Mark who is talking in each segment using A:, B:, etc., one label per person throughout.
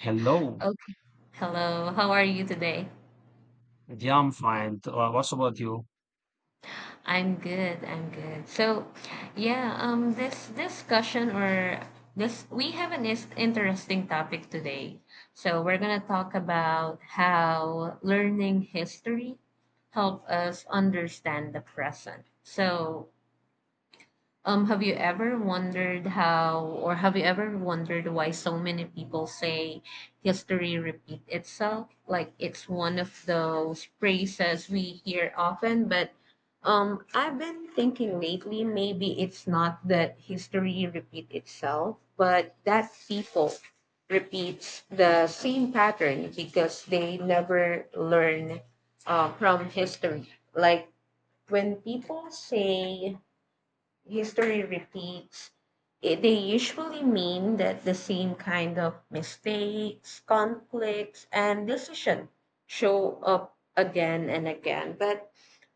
A: Hello.
B: Okay. Hello. How are you today?
A: Yeah, I'm fine. What's about you?
B: I'm good. I'm good. So, yeah, this discussion or this we have an is interesting topic today. So, we're going to talk about how learning history help us understand the present. So, have you ever wondered how, or have you ever wondered why so many people say history repeat itself? Like it's one of those phrases we hear often, but I've been thinking lately maybe it's not that history repeat itself, but that people repeats the same pattern because they never learn from history. Like when people say history repeats, it, they usually mean that the same kind of mistakes, conflicts, and decision show up again and again. But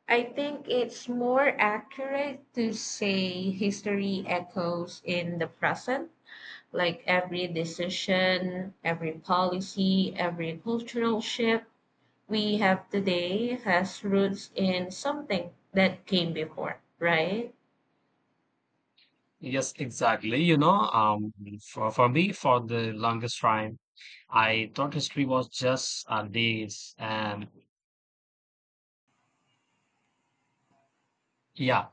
B: I think it's more accurate to say history echoes in the present, like every decision, every policy, every cultural shift we have today has roots in something that came before, right?
A: Yes, exactly. You know, for me, for the longest time, I thought history was just days. And yeah,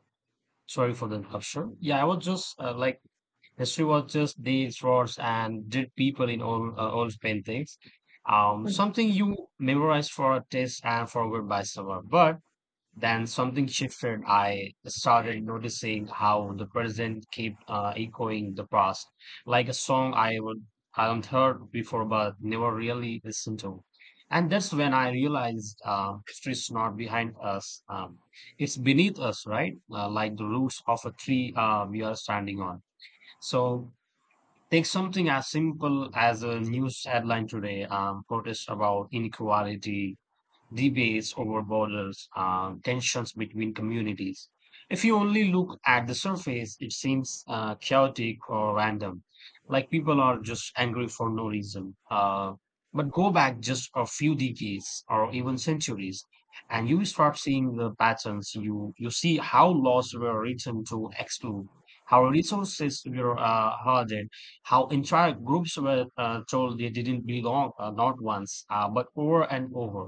A: sorry for the interruption. Yeah, I was just like history was just days, wars, and dead people in old paintings. Something you memorized for a test and forgot by summer. But then something shifted. I started noticing how the present kept echoing the past, like a song I haven't heard before but never really listened to. And that's when I realized history is not behind us; it's beneath us, right? Like the roots of a tree we are standing on. So take something as simple as a news headline today: protest about inequality, debates over borders, and tensions between communities. If you only look at the surface, it seems chaotic or random, like people are just angry for no reason. But go back just a few decades or even centuries, and you start seeing the patterns. You see how laws were written to exclude, how resources were hoarded, how entire groups were told they didn't belong, not once, but over and over.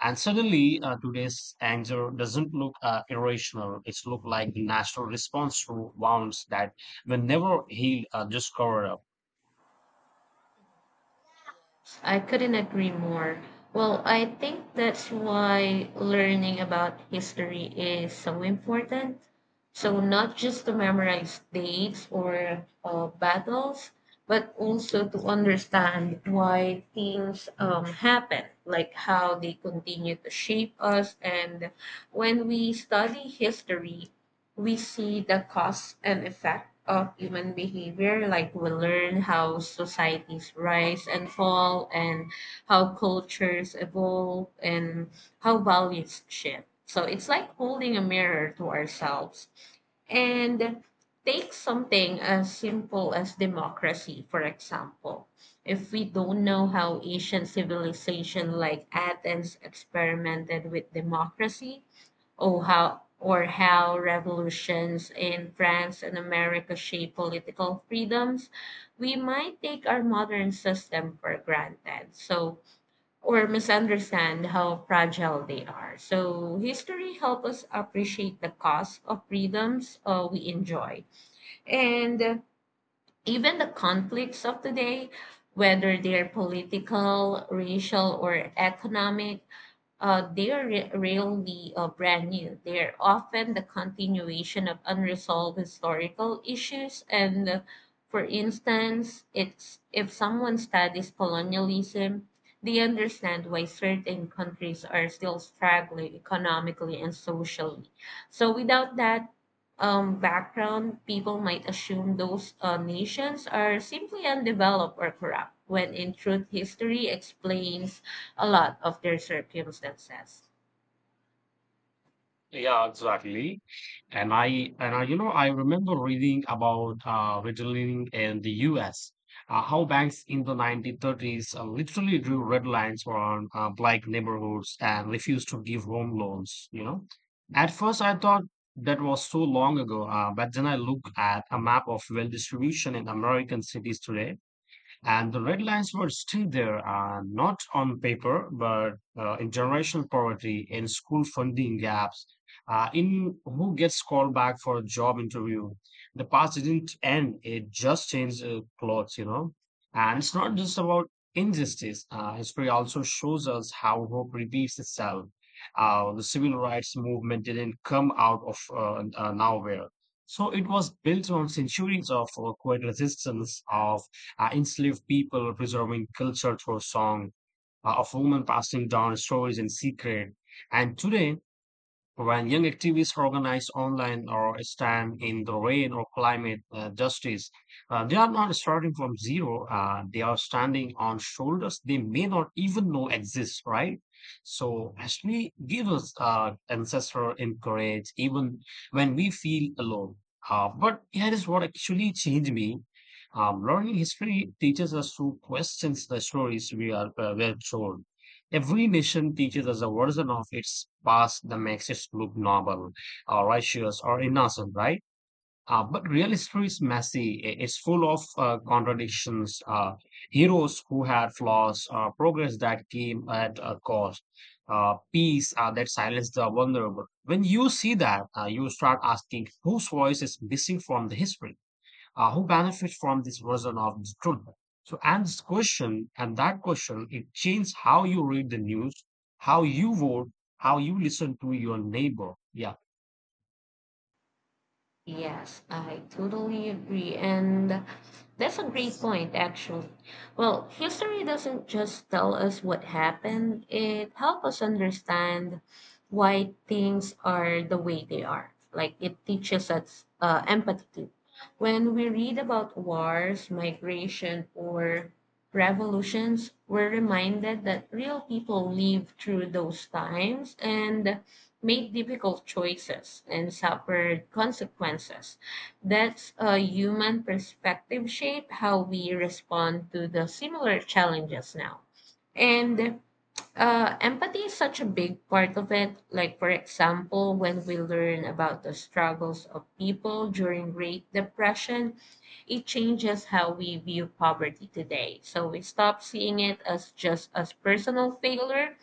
A: And suddenly, today's anger doesn't look irrational. It's look like the natural response to wounds that were never healed, just covered up.
B: I couldn't agree more. Well, I think that's why learning about history is so important. So, not just to memorize dates or battles, but also to understand why things happen, like how they continue to shape us. And when we study history, we see the cause and effect of human behavior like we learn how societies rise and fall and how cultures evolve and how values shift, so it's like holding a mirror to ourselves. And take something as simple as democracy, for example. If we don't know how ancient civilization like Athens experimented with democracy, or how revolutions in France and America shape political freedoms, we might take our modern system for granted. So, or misunderstand how fragile they are. So history helps us appreciate the cost of freedoms we enjoy. And even the conflicts of today, whether they're political, racial, or economic, they are rarely brand new. They are often the continuation of unresolved historical issues. And for instance, it's if someone studies colonialism, they understand why certain countries are still struggling economically and socially. So without that background, people might assume those nations are simply undeveloped or corrupt, when in truth, history explains a lot of their circumstances.
A: Yeah, exactly. And I, I remember reading about redlining in the U.S. How banks in the 1930s literally drew red lines around black neighborhoods and refused to give home loans. You know, at first I thought that was so long ago, but then I look at a map of wealth distribution in American cities today, and the red lines were still there, not on paper, but in generational poverty, in school funding gaps, in who gets called back for a job interview. The past didn't end, it just changed clothes. And it's not just about injustice. Uh, history also shows us how hope repeats itself. The civil rights movement didn't come out of nowhere. So it was built on centuries of quiet resistance, of enslaved people preserving culture through song, of women passing down stories in secret. And today, when young activists organize online or stand in the rain or climate justice, they are not starting from zero. They are standing on shoulders they may not even know exist, right? So, actually, give us ancestral encourage even when we feel alone. But here is what actually changed me. Learning history teaches us to question the stories we are well told. Every nation teaches us a version of its past that makes it look noble, or righteous, or innocent, right? But real history is messy. It's full of contradictions, heroes who had flaws, progress that came at a cost, peace that silenced the vulnerable. When you see that, you start asking whose voice is missing from the history, who benefits from this version of the truth. So, and this question, and that question, it changes how you read the news, how you vote, how you listen to your neighbor. Yeah,
B: Yes, I totally agree. And that's a great point, actually. Well, history doesn't just tell us what happened, it helps us understand why things are the way they are. Like it teaches us empathy too. When we read about wars, migration, or revolutions, we're reminded that real people lived through those times and made difficult choices and suffered consequences. That's a human perspective shape how we respond to the similar challenges now. And empathy is such a big part of it. Like, for example, when we learn about the struggles of people during Great Depression, it changes how we view poverty today. So we stop seeing it as just as personal failure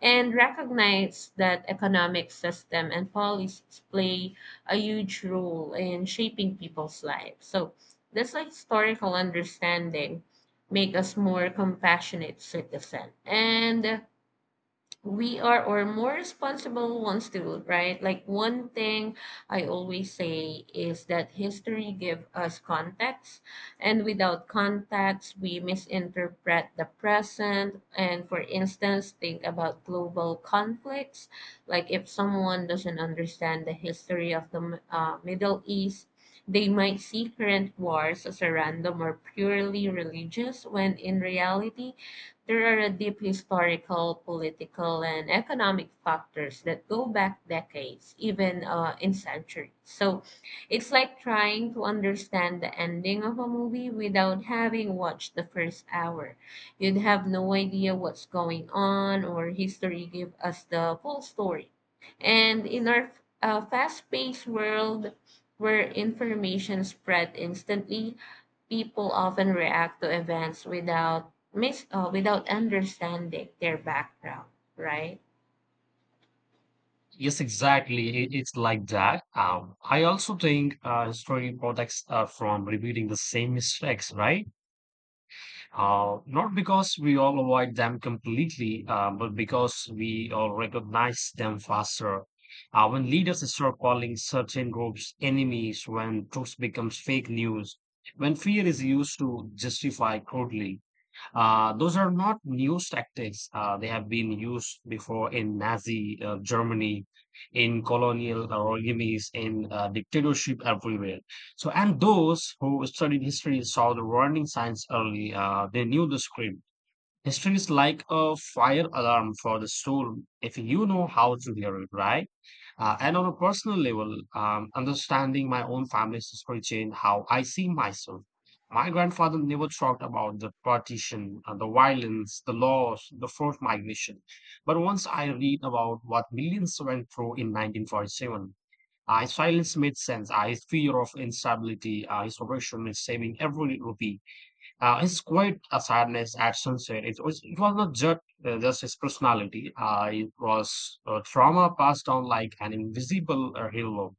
B: and recognize that economic system and policies play a huge role in shaping people's lives. So this like historical understanding make us more compassionate citizen. And we are or more responsible ones too, right? Like one thing I always say is that history give us context, and without context we misinterpret the present. And for instance, think about global conflicts, like if someone doesn't understand the history of the Middle East, they might see current wars as a random or purely religious, when in reality there are deep historical, political, and economic factors that go back decades, even in centuries. So it's like trying to understand the ending of a movie without having watched the first hour. You'd have no idea what's going on, or history give us the full story. And in our fast-paced world, where information spread instantly, people often react to events without miss without understanding their background, right?
A: yes, exactly. It's like that. I also think history protects from repeating the same mistakes, right? Not because we all avoid them completely, but because we all recognize them faster. When leaders start calling certain groups enemies, when truth becomes fake news, when fear is used to justify crudely, those are not new tactics. They have been used before in Nazi Germany, in colonial regimes, in dictatorship everywhere. So, and those who studied history saw the warning signs early. They knew the script. History is like a fire alarm for the soul if you know how to hear it, right? And on a personal level, understanding my own family's history changed how I see myself. My grandfather never talked about the partition, the violence, the loss, the forced migration. But once I read about what millions went through in 1947, his silence made sense. His fear of instability, his oppression is saving every rupee, his quiet, sadness at sunset, it was not just, just his personality, it was trauma passed down like an invisible halo.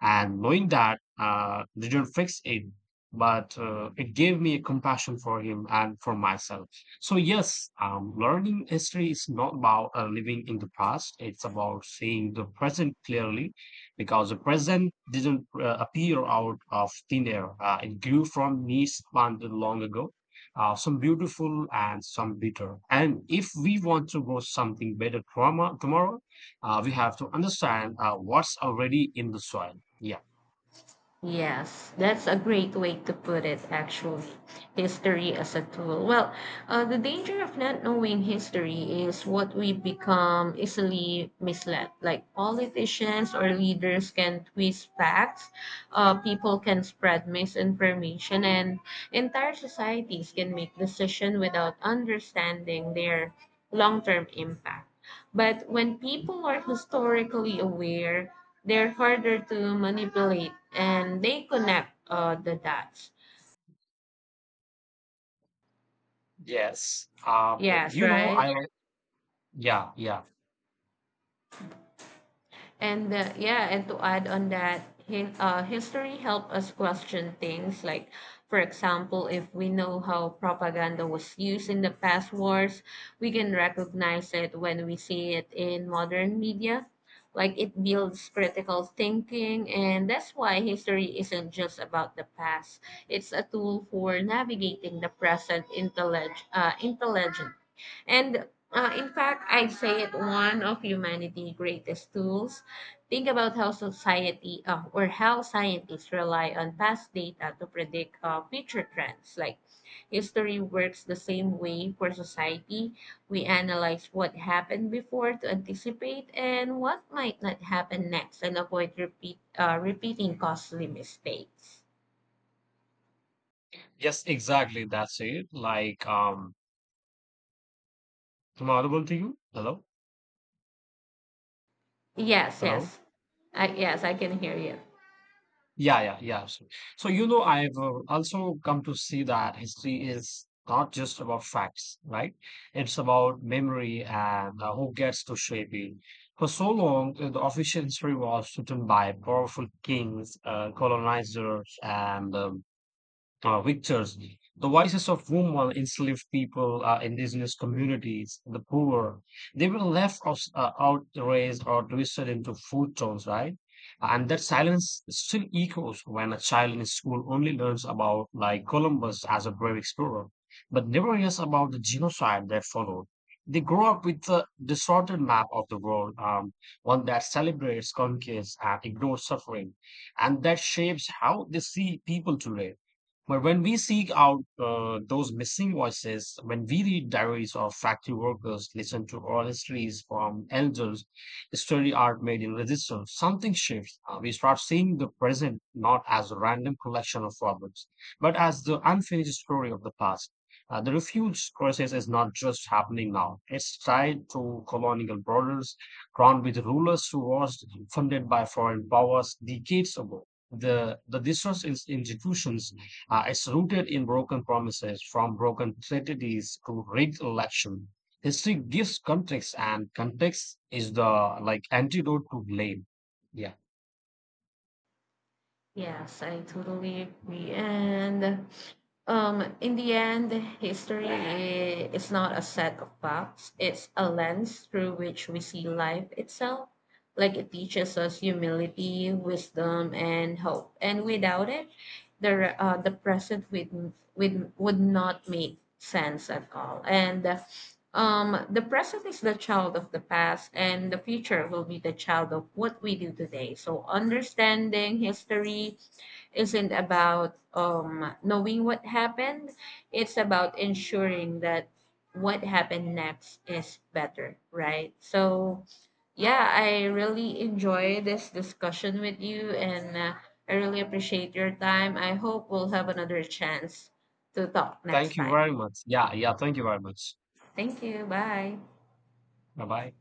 A: And knowing that didn't fix it, but it gave me a compassion for him and for myself. So, yes, learning history is not about living in the past, it's about seeing the present clearly because the present didn't appear out of thin air, it grew from knees planted long ago. Some beautiful and some bitter. And if we want to grow something better trauma, tomorrow, we have to understand what's already in the soil. Yeah.
B: Yes, that's a great way to put it, actually. History as a tool. Well, the danger of not knowing history is what we become easily misled. Like politicians or leaders can twist facts, people can spread misinformation, and entire societies can make decisions without understanding their long term impact. But when people are historically aware, they're harder to manipulate and they connect the dots.
A: Yes.
B: Yes,
A: You know,
B: right?
A: I, yeah, yeah.
B: And yeah, and to add on that, history help us question things, like, for example, if we know how propaganda was used in the past wars, we can recognize it when we see it in modern media. Like it builds critical thinking, and that's why history isn't just about the past. It's a tool for navigating the present intelligent. And in fact, I'd say it one of humanity's greatest tools. Think about how society or how scientists rely on past data to predict future trends. Like history works the same way for society. We analyze what happened before to anticipate and what might not happen next and avoid repeating costly mistakes.
A: Yes, exactly. That's it. Like, am I audible to you? Hello?
B: Yes,
A: Hello?
B: yes. I, yes, I can hear you.
A: Yeah, yeah, yeah. So, you know, I've also come to see that history is not just about facts, right? It's about memory and who gets to shape it. For so long, the official history was written by powerful kings, colonizers, and victors, the voices of women, enslaved people, indigenous communities, the poor, they were left out, raised, or twisted into food tones, right? And that silence still echoes when a child in school only learns about, like, Columbus as a brave explorer, but never hears about the genocide that followed. They grow up with a distorted map of the world, one that celebrates conquest and ignores suffering, and that shapes how they see people today. But when we seek out those missing voices, when we read diaries of factory workers, listen to oral histories from elders, study art made in resistance, something shifts. We start seeing the present not as a random collection of problems, but as the unfinished story of the past. The refuge crisis is not just happening now. It's tied to colonial borders, crowned with rulers who was funded by foreign powers decades ago, the resource institutions. Uh, it's rooted in broken promises, from broken treaties to rigged election. History gives context, and context is the like antidote to blame. Yeah.
B: Yes, I totally agree. And in the end, history is not a set of facts, it's a lens through which we see life itself. Like it teaches us humility, wisdom, and hope. And without it, the the present would not make sense at all. And the present is the child of the past, and the future will be the child of what we do today. So understanding history isn't about knowing what happened. It's about ensuring that what happened next is better, right? So, yeah, I really enjoy this discussion with you, and I really appreciate your time. I hope we'll have another chance to talk next
A: Thank you
B: time.
A: very much. Yeah. Yeah. Thank you very much.
B: Thank you. Bye.
A: Bye bye.